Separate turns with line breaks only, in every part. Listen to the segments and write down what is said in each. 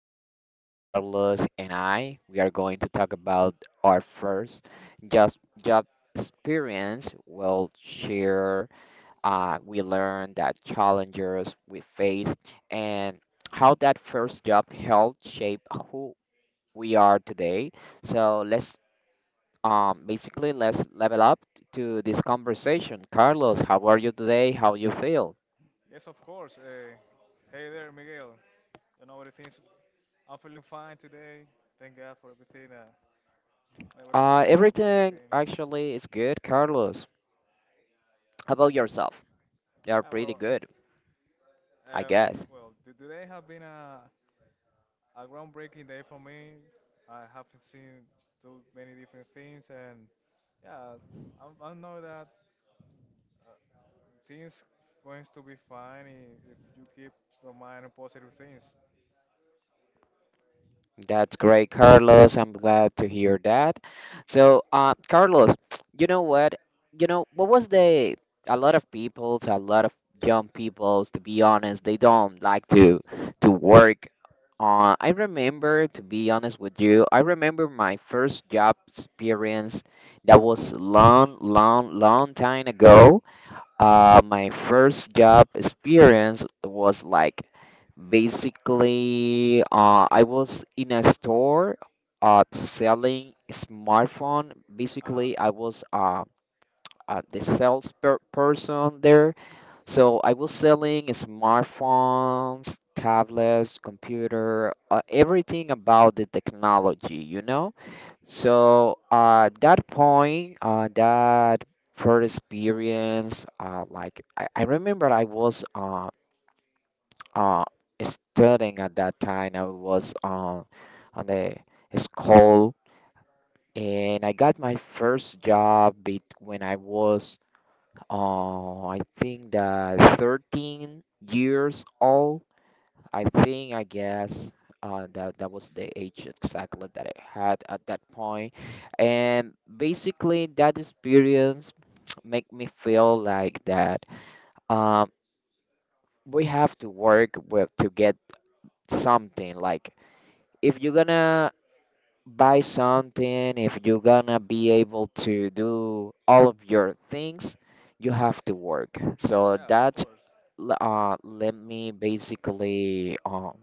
today Carlos and I. We are going to talk about our first just job experience. We'll share. We learn that challenges we faced and how that first job helped shape who we are today. So let's basically let's level up to this conversation. Carlos, how are you today? How you feel?
Yes, of course. Hey there, Miguel. You know everything's. I'm feeling fine today. Thank God for everything. Never
Uh,
complains about
everything
anything.
actually is good, Carlos. How about yourself? You're
Uh,
pretty
well,
good, I
uh,
guess.
Today have been a groundbreaking day for me. I haven't seen too many different things, and yeah, I know that things going to be fine if you keep your mind on positive things.
That's great, Carlos. I'm glad to hear that. So, Carlos, you know what? You know, what was a lot of people, a lot of young people, to be honest, they don't like to work. I remember, to be honest with you, I remember my first job experience that was long, long, long time ago. My first job experience was like basically I was in a store selling smartphone.
Uh huh.
Basically, I was the sales per person there. So I was selling smartphones, tablets, computer, everything about the technology, you know?
Yeah, yeah,
So at that point, that first experience, like I remember I was uh, studying at that time. I was on the school, and I got my first job it, when I was, I think that 13 years old. I think I guess that that was the age exactly that I had at that point, and basically that experience make me feel like that um, we have to work with to get something. Like if you're gonna buy something, if you're gonna be able to do all of your things, you have to work. So
yeah. Of
that
course.
let me basically.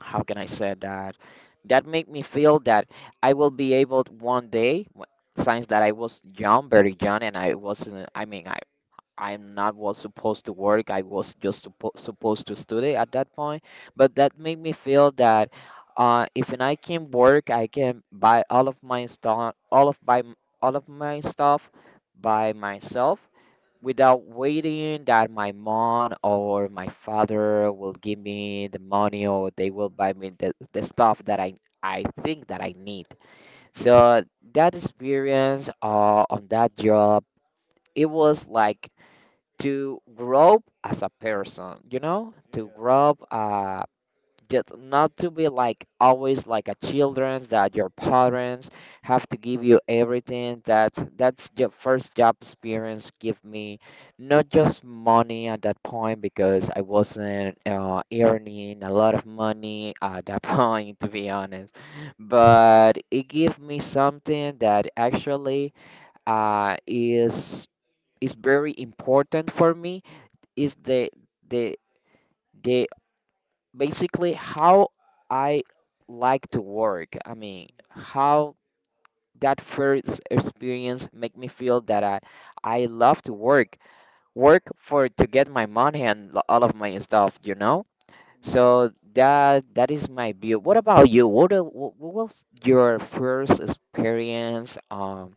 How can I say that? That make me feel that I will be able to one day, since that I was young, very young, and I wasn't. I mean, I'm not was supposed to work. I was just supposed to study at that point. But that made me feel that if and I can work, I can buy all of my stuff, all of my stuff by myself
Mhm.
without waiting that my mom or my father will give me the money or they will buy me the stuff that I think that I need. So that experience on that job, it was like to grow as a person, you know, to
Yeah.
grow,
Hmm.
just not to be like always like a children's that your parents have to give you everything that that's your first job experience give me not just money at that point because I wasn't earning a lot of money at that point, to be honest, but it gave me something that actually uh, is is very important for me is the the basically how I like to work. I mean, how that first experience make me feel that I love to work. Work for to get my money and all of my stuff, you know?
Hmm. Yeah.
So that that is my view. What about you? What was your first experience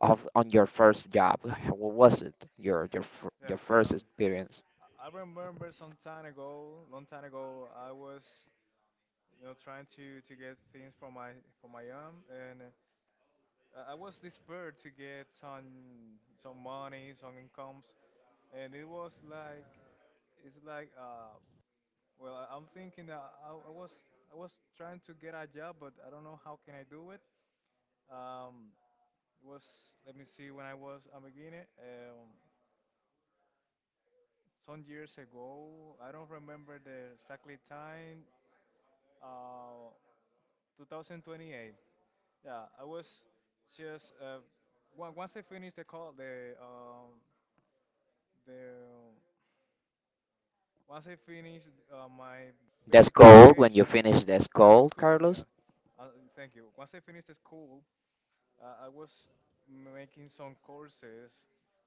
of on your first job? What was it? Your
Yes,
first
um,
experience?
I remember some time ago, long time ago, I was, you know, trying to get things for my arm, and I was desperate to get some money, some incomes, and it was like it's like well, I- I'm thinking that I was I was trying to get a job, but I don't know how can I do it. Um, it was let me see when I was a beginner, some years ago. I don't remember the exactly time. Uh, 2028. Yeah, I was just once I finished the call, the once I finished my
That's
basic
cold when you
education,
finish. That's
the
cold,
school.
Carlos.
Yeah, uh, thank you. Once I finished the school, I was making some courses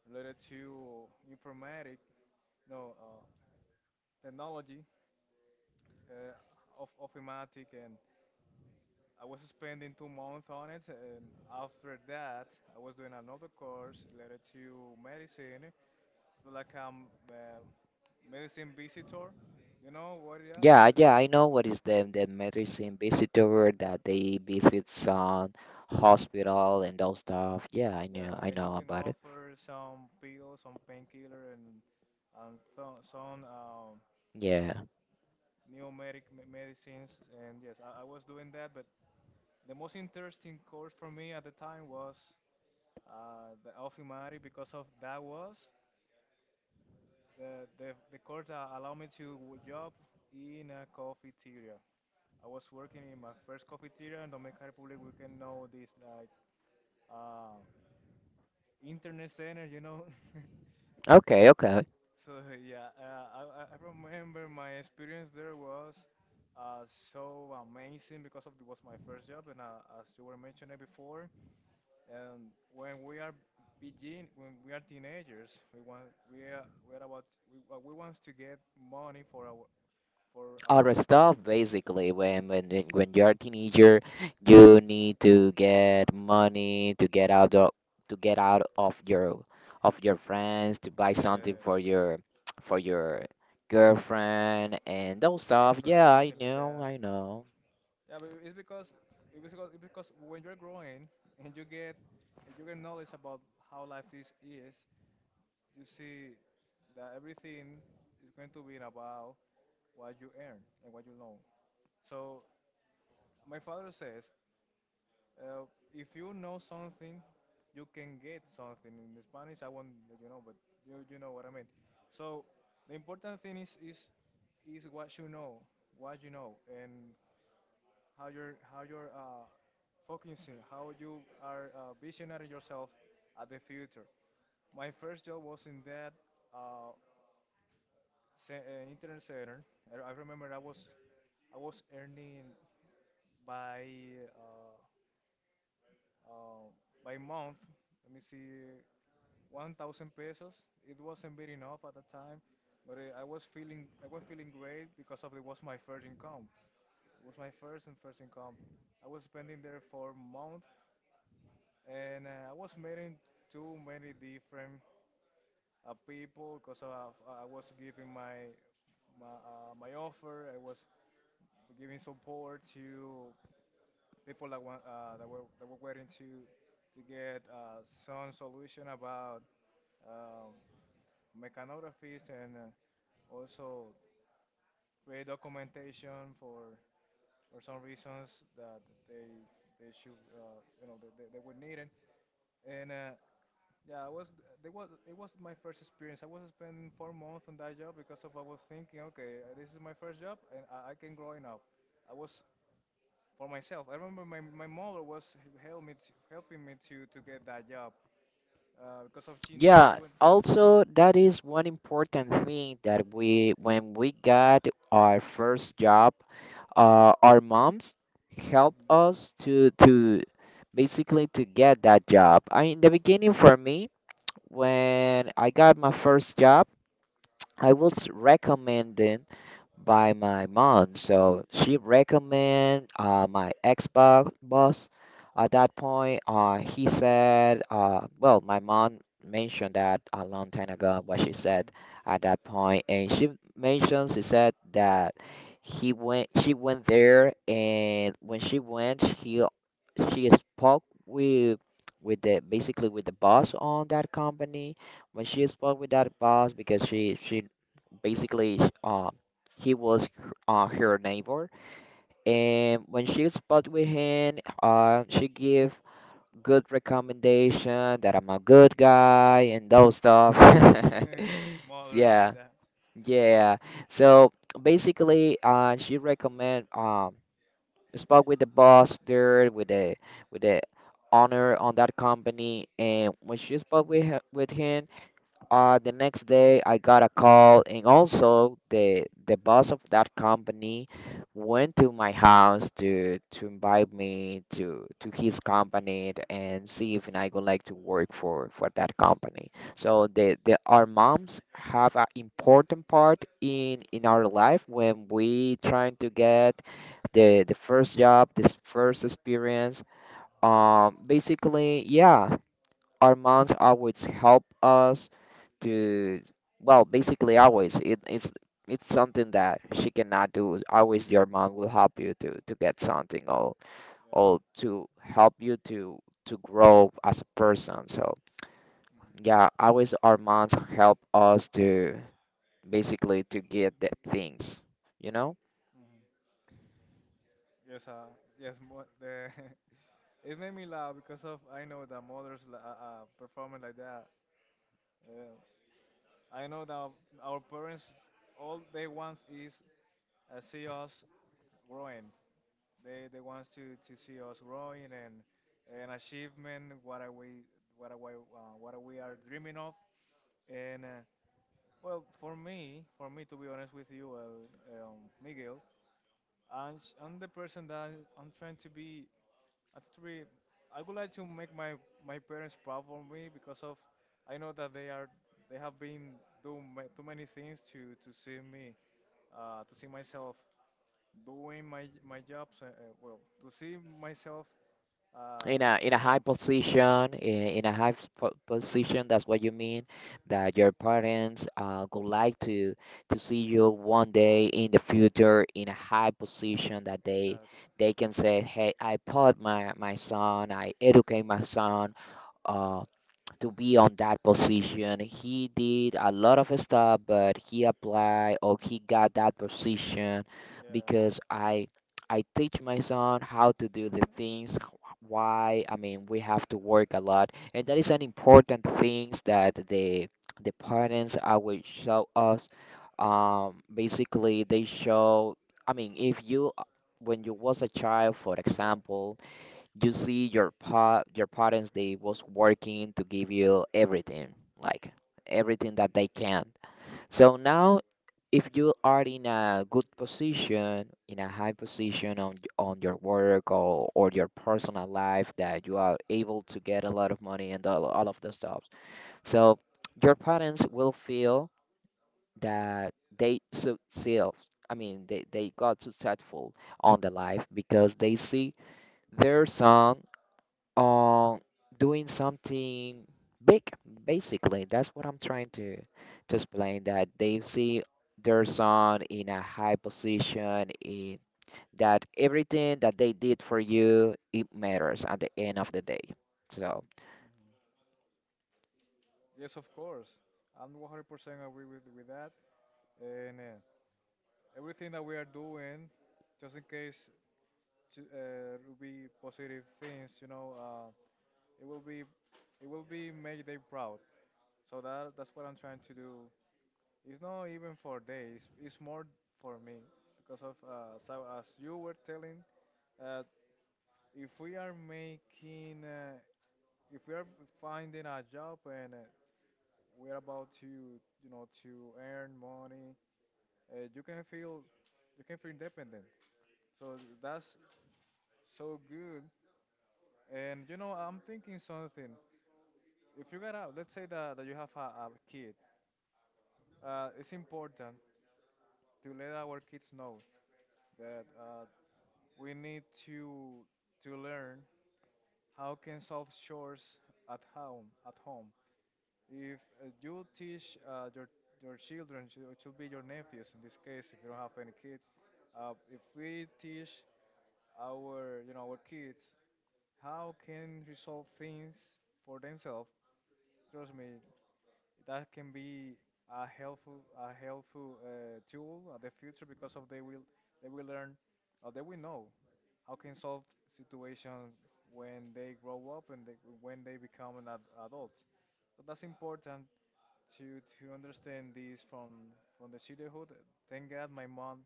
related to informatic, no, technology uh, of ofimatic and I was spending 2 months on it, and after that, I was doing another course related to medicine. It was like a medicine visitor. You know what? Yeah, what
Yeah,
is
yeah,
that?
I know what is them the medicine visitor that they visit some hospital and those stuff. Yeah,
Yeah,
I
and you
know
can
about it.
offer some pills, some painkiller, and th- some
Yeah.
new medicines. And yes, I was doing that. But the most interesting course for me at the time was the Alfimari because of that was the course that allowed me to job in a cafeteria. I was working in my first cafeteria in Dominican Republic. We can know this like uh, internet center, you know.
Okay, okay.
So yeah, I remember my experience there was so amazing because of it was my first job, and as you were mentioning before, and when we are begin when we are teenagers, we want we are about we want to get money for
Other
our
stuff basically when when you're a teenager, you need to get money to get out of to get out of your friends to buy something
Yes,
for your girlfriend and those
your
stuff.
girlfriend or
Yeah, I
something like
know,
that.
I know.
Yeah, but it's because it's because when you're growing and you get and you get knowledge about how life is, you see that everything is going to be about what you earn and what you know. So my father says, uh, if you know something, you can get something. In Spanish, I won't let you know, but you know what I mean. So the important thing is what you know, and how you're focusing, how you are visioning yourself at the future. My first job was in that uh, internet center. I remember I was earning by uh, uh, by month. Let me see, 1,000 pesos. It wasn't big enough at the time, but I was feeling great because of it was my first income. It was my first and first income. I was spending there for month and I was meeting too many different people because I was giving my my offer. I was giving support to people that want that were waiting to get some solution about um mechanographist and also create documentation for some reasons that they they should you know they were needed and. Yeah, I was there was it was my first experience. I was spend 4 months on that job because of I was thinking, okay, this is my first job and I can growing up. I was for myself. I remember my mother was helping me to get that job because of she
Yeah,
went.
also that is one important thing that we when we got our first job, our moms helped
Hmm.
us to basically to get that job. I in the beginning for me, when I got my first job, I was recommended by my mom. So she recommend my Xbox boss. At that point, he said, well, my mom mentioned that a long time ago, what she
Hmm.
said at that point, and she mentioned, she said that he went, she went there, and when she went, she spoke with basically with the boss on that company. When she spoke with that boss, because she basically he was her neighbor. And when she spoke with him, she gave good recommendation that I'm a good guy and those stuff.
Mothers like
Yeah,
that.
yeah. So basically, she recommend, um, spoke with the boss there with the owner on that company, and when she spoke with her, with him, the next day, I got a call, and also the boss of that company went to my house to invite me to his company, and see if I would like to work for that company. So the our moms have an important part in our life when we trying to get the first job, this first experience. Basically, yeah, our moms always help us to well basically always it, it's something that she cannot do always your mom will help you to get something
Yeah, yeah.
or to help you to grow as a person, so yeah always our moms help us to basically to get the things, you know,
Yes, uh, yes. Mo- the It made me laugh because of I know that mothers performing like that. Yeah. I know that our parents all they want is see us growing. They wants to see us growing and an achievement. What are we what are we are dreaming of? And well, for me to be honest with you, Miguel, I'm the person that I'm trying to be. I three, I would like to make my my parents proud for me because of I know that they are they have been too many things to see me to see myself doing my my jobs. To see myself, uh,
in a
you
high
know,
position, in a position, that's what you mean, that your parents would like to see you one day in the future in a high position that
exactly.
they can say, "Hey, I put my my son, I educate my son uh to be on that position. He did a lot of stuff, but he applied or he got that position
Yeah,
because I teach my son how to do the things." Why, I mean, we have to work a lot, and that is an important things that the parents I will show us, basically they show, I mean, if you when you was a child, for
yeah,
example, you see your your parents they was working to give you everything, like everything that they can. So now if you are in a good position, in a high position on your work, or your personal life, that you are able to get a lot of money and all of those stuff, so your parents will feel that they themselves, I mean, they got successful on the life because they see their son on doing something big, basically that's what I'm trying to explain, that they see their son in a high position in that everything that they did for you it matters at the end of the day, so
yes, of course. I'm 100% agree with that. And everything that we are doing, just in case, to, will be positive things. You know, it will be it will be make them proud. So that that's what I'm trying to do. It's not even for days. It's more for me because of so as you were telling. Uh, if we are making if we are finding a job and we are about to you know to earn money uh, you can feel you can feel independent so that's so good and you know I'm thinking something if you got a let's say that, that you have a kid it's important to let our kids know that we need to learn how can solve chores at home if you teach your children, it should be your nephews in this case, if you don't have any kid, if we teach our you know our kids how can resolve things for themselves, trust me, that can be a helpful tool at the future because of they will learn or they will know how can solve situations when they grow up and they, when they become adults. So that's important to understand this from the childhood. Thank God my mom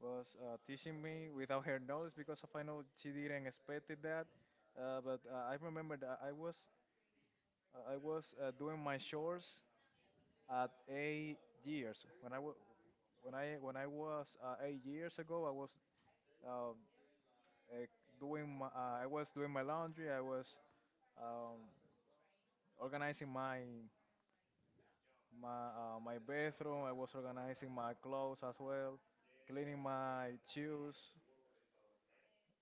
was teaching me without her knowledge because if I know she didn't expect it that. But I remember that I was doing my chores at 8 years, when I was 8 years ago, I was um, uh, doing I was doing my laundry. I was um, organizing my my bathroom. I was organizing my clothes as well, cleaning my shoes,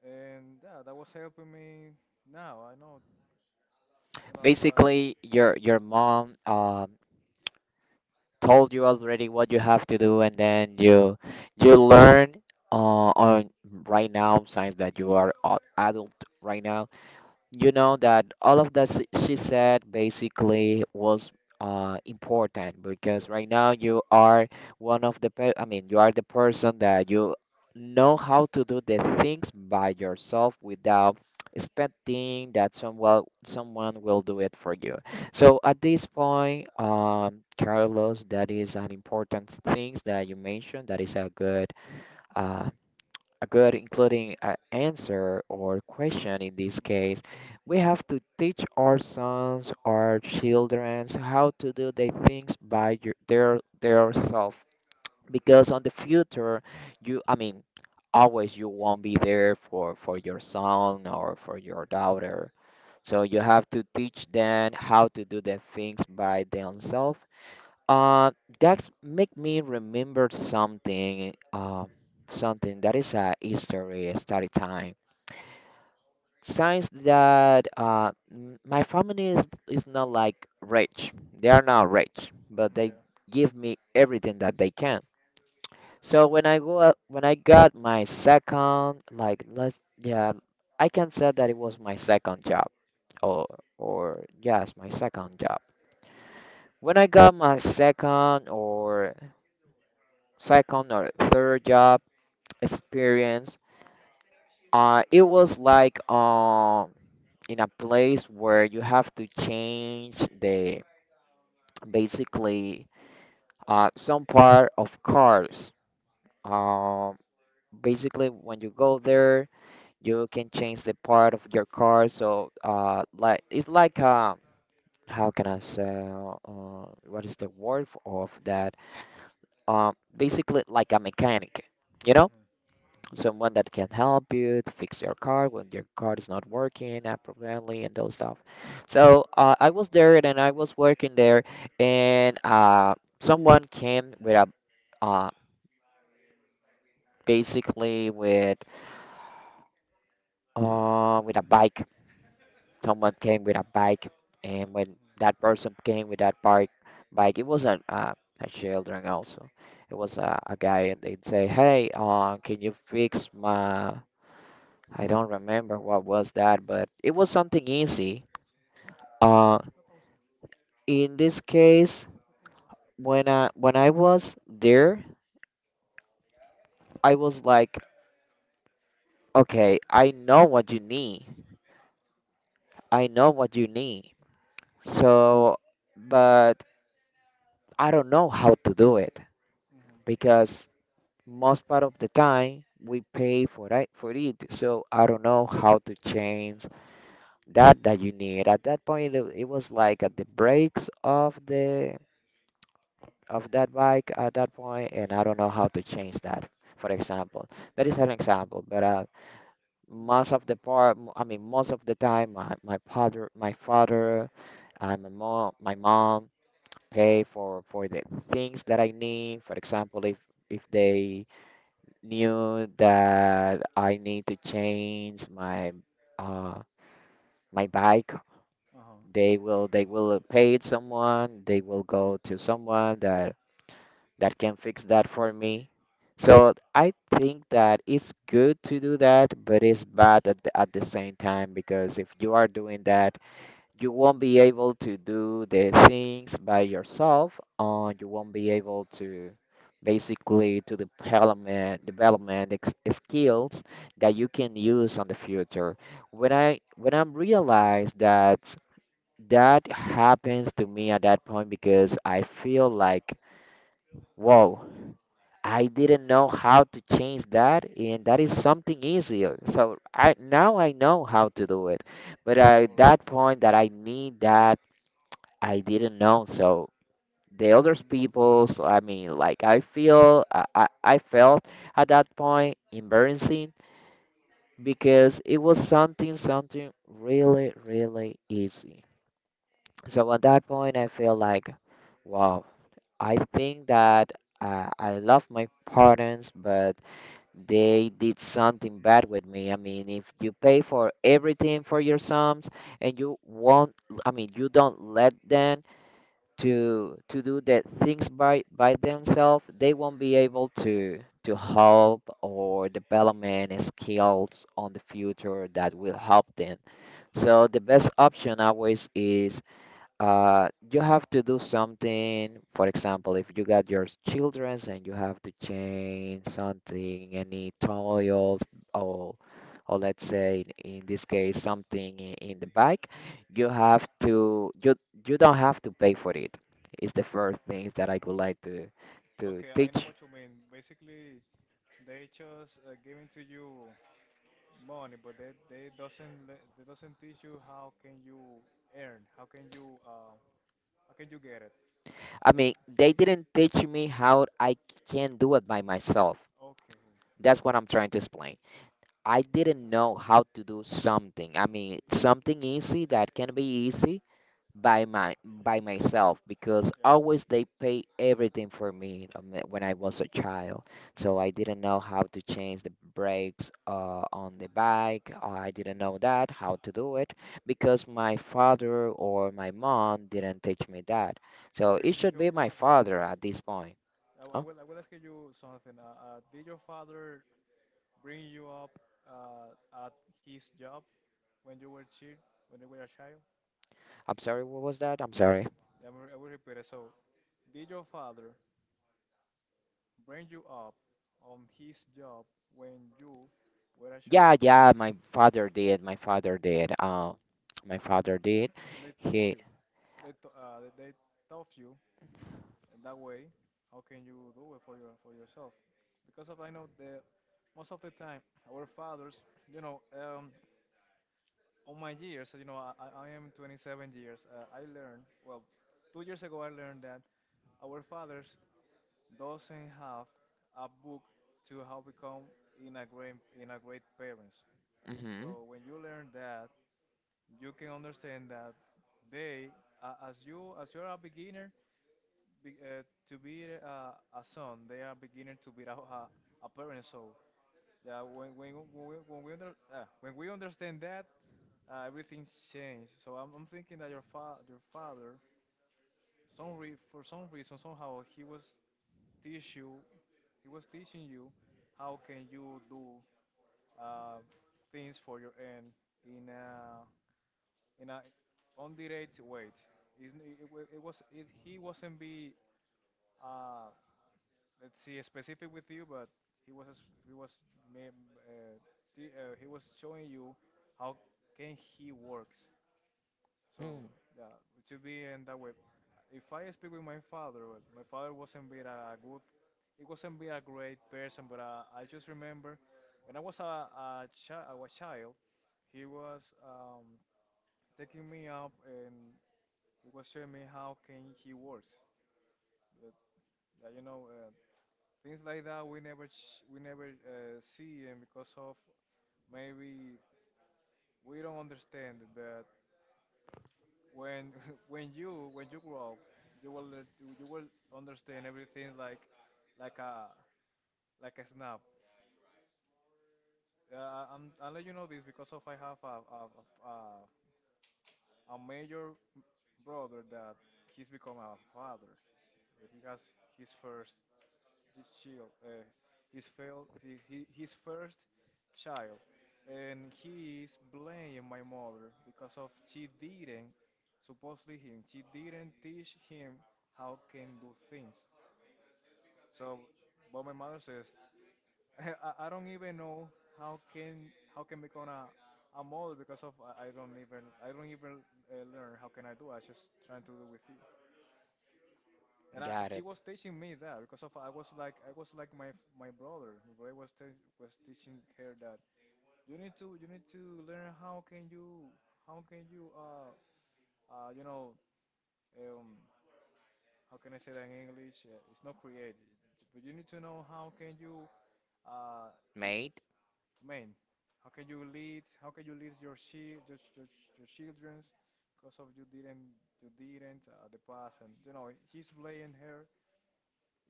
and yeah, that was helping me. Now I know that's why.
basically your mom, told you already what you have to do and then you learn on right now since that you are adult right now, you know that all of she said basically was important,
Yeah,
because right now you are one of I mean you are the person that you know how to do the things by yourself without expecting that someone someone will do it for you. So at this point, Carlos, that is an important things that you mentioned. That is uh, a good including an answer or question in this case. We have to teach our sons our children how to do the things by your, their
yeah,
self, because on the future you, I mean, always you won't be there for your son or for your daughter, so you have to teach them how to do the things by themselves. Uh, that's make me remember something. Something that is a history study time. Science that my family is not like rich. They are not rich,
hmm
but they
yeah,
give me everything that they can. So when I when I got my second, like let's yeah, I can say that it was my second job, or or yes, my second job. When I got my second or second or third job experience. It was like in a place where you have to change the basically some part of cars. Um, Basically, when you go there, you can change the part of your car. So like it's like how can I say what is the word of that? Basically, like a mechanic. You know?
hmm.
Someone that can help you to fix your car when your car is not working appropriately and those stuff. So I was there and I was working there, and someone came with a uh, basically with a bike. Someone came with a bike, and when that person came with that bike, it wasn't a children also. It was a guy, and they'd say, "Hey, can you fix my?" I don't remember what was that, but it was something easy. Uh, in this case, when I was there, I was like, okay, I know what you need. I know what you need. So, but I don't know how to do it
Hmm.
because most part of the time we pay for it. So I don't know how to change that you need. At that point, it was like at the breaks of the of that bike at that point, and I don't know how to change that. For example, that is an example, but
Hmm.
most of the part, I mean, most of the time, my father, my mom pay for the things that I need. For example, if they knew that I need to change my uh my bike,
Uh huh.
they will pay someone. They will go to someone that can fix that for me. So I think that it's good to do that, but it's bad at at the same time because if you are doing that, you won't be able to do the things by yourself, and you won't be able to basically to development ex- skills that you can use on the future. When I realized that that happens to me at that point because I feel like, whoa, I didn't know how to change that, and that is something easier. So I now I know how to do it. But at
Correct.
that point that I need that, I didn't know. So the other
Mhm.
people, so I mean, like I feel, I felt at that point embarrassing because it was something, something really, really easy. So at that point, I feel like, wow, I think that I love my parents, but they did something bad with me. I mean, if you pay for everything for your sums and you won't, I mean, you don't let them to do the things by themselves, they won't be able to help or development skills on the future that will help them. So the best option always is you have to do something. For example, if you got your children's and you have to change something, any toils, or or let's say in this case something in the bike, you you don't have to pay for it. It's the first things that I would like to
Okay, I know
teach.
what you mean. Basically, they just giving to you money, but they doesn't they doesn't teach you how can you earn, how can you get it.
I mean,
Basi-
they didn't teach me how I can do it by myself.
Okay,
That's what I'm trying to explain. I didn't know how to do something. I mean, something easy that can be easy by my by myself because
yeah.
always they pay everything for me when I was a child. So I didn't know how to change the brakes on the bike. I didn't know that how to do it because my father or my mom didn't teach me that. So
But
it
if
should
your
be my
father,
father at this point. Huh?
I will ask you something. Did your father bring you up uh, at his job when you were child, when you were a child?
I'm sorry, what was that? I'm sorry.
I will repeat it. So, did your father bring you up on his job when you were a child.
Yeah, yeah, my father did. My father did. My father did.
Yeah, they teach
He,
you. They t- they taught you and that way. How can you do it for your for yourself? Because of I know the most of the time our fathers, you know, on my years, you know, I am 27 years. I learned well 2 years ago. I learned that our fathers doesn't have a book to how become in a great in a great parents.
mm-hmm,
So when you learn that, you can understand that they, as you, as you're a beginner, be, uh, to be a son, they are beginner to be a parent. So yeah, when we, when we, when we understand that, everything changed. So I'm thinking that your your father, for some reason, somehow he was teach you, he was teaching you how can you do uh, things for your end in a in a underage weight. It was it, he wasn't be uh, let's see specific with you, but he was he was ma- uh, he was showing you how can he works. So
mm,
yeah, it should be in that way. If I speak with my father, but my father wasn't be a good, he wasn't be a great person, but I just remember when I was a child, he was taking me up and he was showing me how can he works, but yeah, things like that we never see, and because of maybe we don't understand. But when when you grow up, you will understand everything like like a like a snap. I let you know this because of I have a major brother that he's become a father. He has his first the child, his first child, and he is blaming my mother because of she didn't teach him how can do things. So, but my mother says I don't even know how can how can become a model because of I don't even learn how can I do I just trying to do with you. And I,
got
she
it,
was teaching me that because of I was like my brother. My brother was was teaching her that you need to learn how can you you know um how can I say that in English? It's not create, but you need to know how can you uh
mate.
man, how can you lead your your, childrens because of you didn't the past, and you know he's blaming her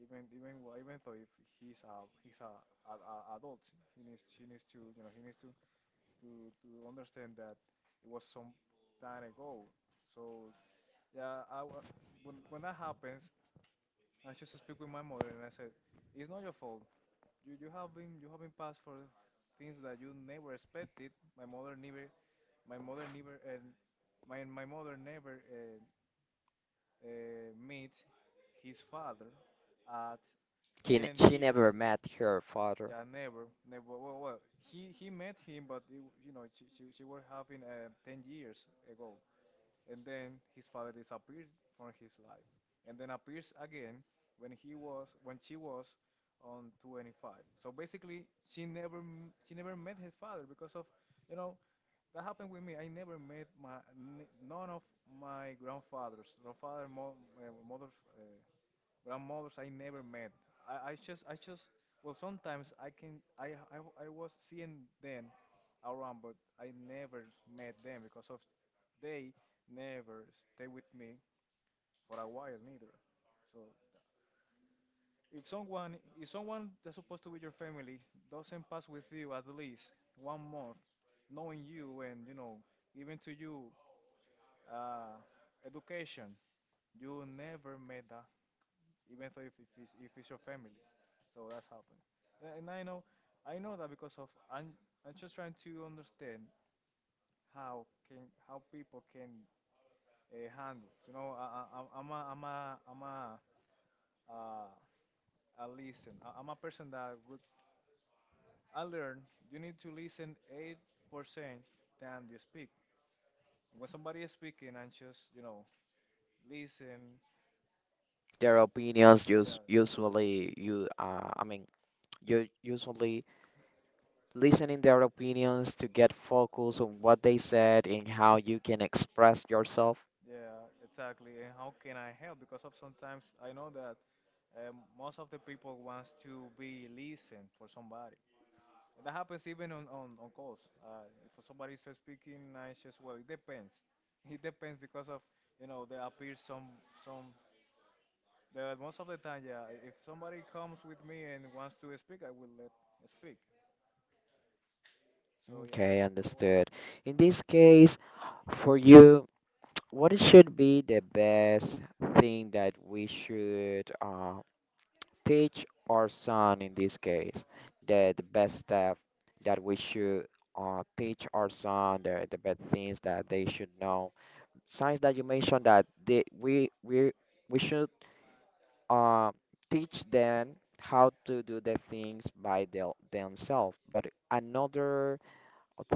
even though if he's a, a adult, he needs to he needs to to understand that it was some time ago. So yeah, when that happens, I just speak with my mother and I said, it's not your fault. You have been passed for things that you never expected. My mother never my mother never and my mother never meet his father at
He, n-
10
she
years.
never met her father.
Yeah, never, never. Well, well, he met him, but you know, she were having 10 years ago, and then his father disappeared from his life, and then appears again when he was when she was on 25. So basically, she never met his father because of you know that happened with me. I never met none of my grandfathers, mother's grandmothers I never met. I just well sometimes I can I was seeing them around, but I never met them because of they never stay with me for a while neither. So if someone that's supposed to be your family doesn't pass with you at least 1 month, knowing you and giving to you uh, education, you never met that even though if it's your family. So that's happened. And I know that because of I'm just trying to understand how people can handle. You know, I, I'm a I'm a I'm a uh, I listen. I'm a person that would I learn you need to listen 8 percent than you speak. When somebody is speaking, and just listen.
Their opinions
Yeah,
us usually you, I mean, you usually listening their opinions to get focus on what they said and how you can express yourself.
yeah, exactly. And how can I help? Because of sometimes I know that most of the people wants to be listened for somebody. And that happens even on, on calls. If somebody is speaking, I just, well, it depends. It depends because of, you know, there appears some, but most of the time, yeah, if somebody comes with me and wants to speak, I will let speak. So, yeah,
Okay,
that was
understood.
happening.
In this case, for you, what should be the best thing that we should teach our son in this case? The best stuff that we should teach our son, the best things that they should know. Signs that you mentioned that they, we, we should uh, teach them how to do the things by their, themselves. But another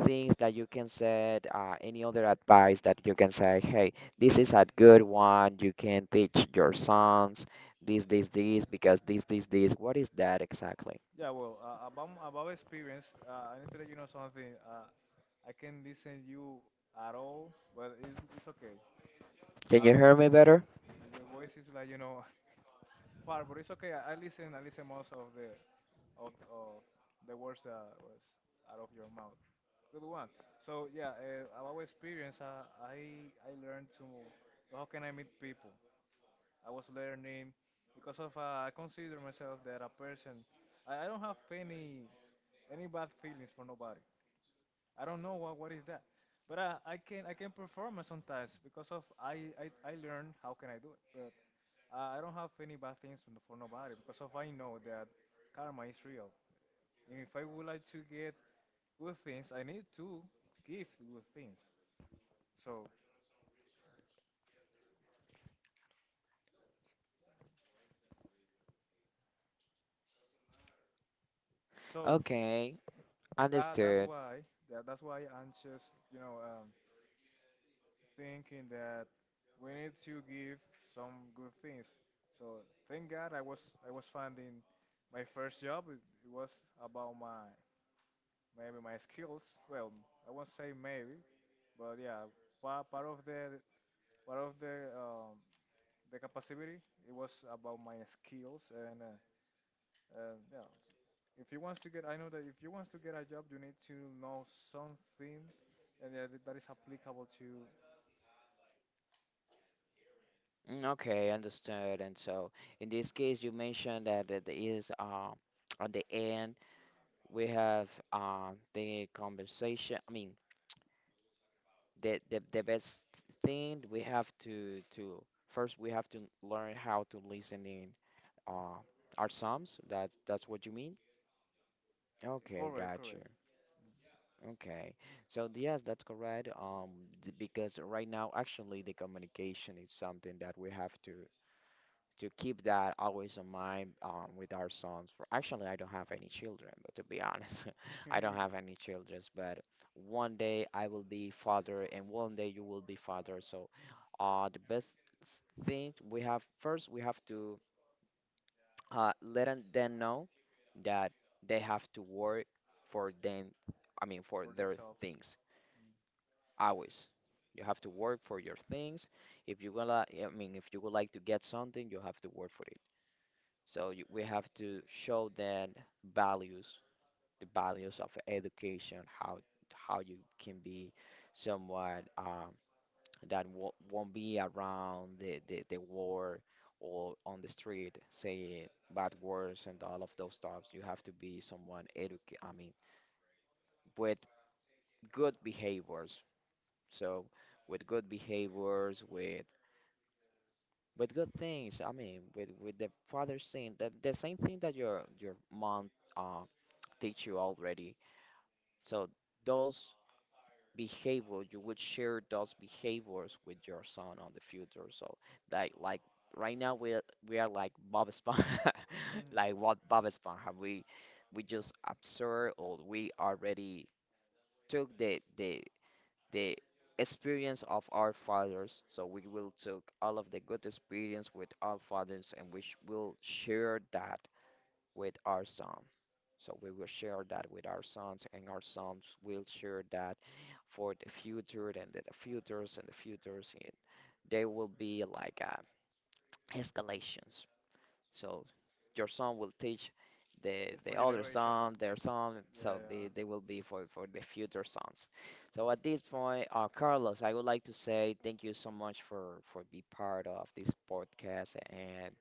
things that you can say, any other advice that you can say, hey, this is a good one, you can teach your sons this, this, this, because this, this, this. What is that exactly?
Yeah, well, about experience, I need to let you know something. I can listen you at all, but it's okay.
Can
Uh,
you hear me better?
your voice is like, you know, far, but it's okay. I listen. I listen most of the of the words that was out of your mouth. Good one. So yeah, about experience, I learned to how can I meet people. I was learning because of I consider myself that a person. I don't have any bad feelings for nobody. I don't know what is that, but I can perform sometimes because of I learn how can I do it. I don't have any bad things for nobody because if I know that karma is real, and if I would like to get good things, I need to give good things. So, so
Okay,
that's
understood.
why that's why I'm just thinking that we need to give some good things. So thank God I was finding my first job. It was about my maybe my skills. Well, I won't say maybe, but yeah, part of the part of the capacity it was about my skills and yeah. If you wants to get, I know that if you wants to get a job, you need to know something, and that is applicable to
Mm, okay, understood. And so in this case, you mentioned that it is at the end we have the conversation. I mean, the best thing we have to first we have to learn how to listen in uh, our psalms. That that's what you mean? Okay,
correct,
gotcha.
correct,
Okay, so yes, that's correct. Because right now actually the communication is something that we have to keep that always in mind with our sons. For actually, I don't have any children, but to be honest, I don't have any children. But one day I will be father, and one day you will be father. So, the best s- thing we have first we have to let 'em- them know that they have to work for them. I mean, for
for
their
themselves.
things always. You have to work for your things. If you gonna, I mean, if you would like to get something, you have to work for it. So we have to show them values, the values of education, how you can be someone that wo- won't be around the, the war or on the street saying bad words and all of those stuff. You have to be someone educated, I mean, with good behaviors. So with good behaviors, with good things. I mean, with the father saying the same thing that your mom uh teach you already. So those behavior you would share those behaviors with your son on the future. So like right now we are like Bob Esponja,
Mm.
like what Bob Esponja. We just observe or we already took the experience of our fathers. So we will take all of the good experience with our fathers and we sh- will share that with our son. So we will share that with our sons and our sons will share that for the future and the futures. And there will be like escalations. So your son will teach
Just for
the other
generation.
son, their son,
Yeah,
so
yeah,
they will be for the future sons. So at this point, Carlos, I would like to say thank you so much for be part of this podcast and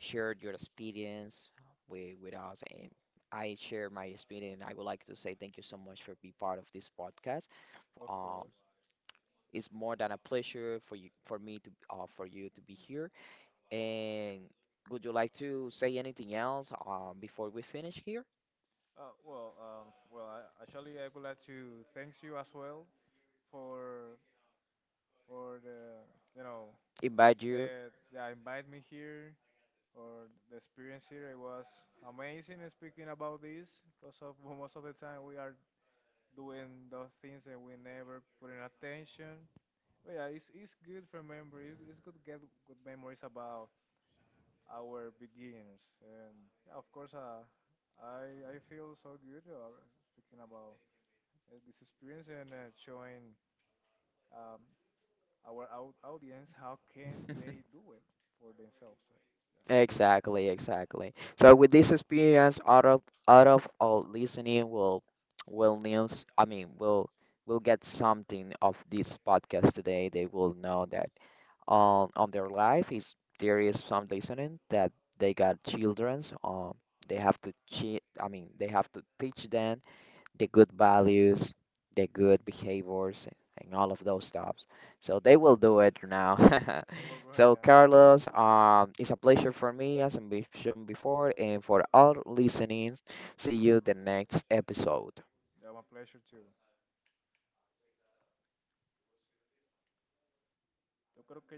shared your experience with us and I share my experience. I would like to say thank you so much for be part of this podcast.
of
Um,
course.
it's more than a pleasure for you for me to for you to be here and would you like to say anything else before we finish here?
Actually, I would like to thank you as well for the you know
Invite you.
that yeah, invite me here or the experience here. It was amazing speaking about this because of well, most of the time we are doing those things and we never put in attention. But yeah, it's good to remember. It's good to get good memories about our beginnings. And yeah, of course, I feel so good speaking about this experience and showing um, our audience how can they do it for themselves. So, yeah.
Exactly, exactly. So with this experience, out of all listening, will news. I mean, will get something of this podcast today. They will know that on their life is there is some listening that they got childrens. They have to cheat. I mean, they have to teach them the good values, the good behaviors, and all of those stuffs. So they will do it now.
They were growing
So
now, yeah.
Carlos, it's a pleasure for me, as I mentioned before, and for all listenings. See you the next episode.
Yeah, my pleasure too. Yo creo que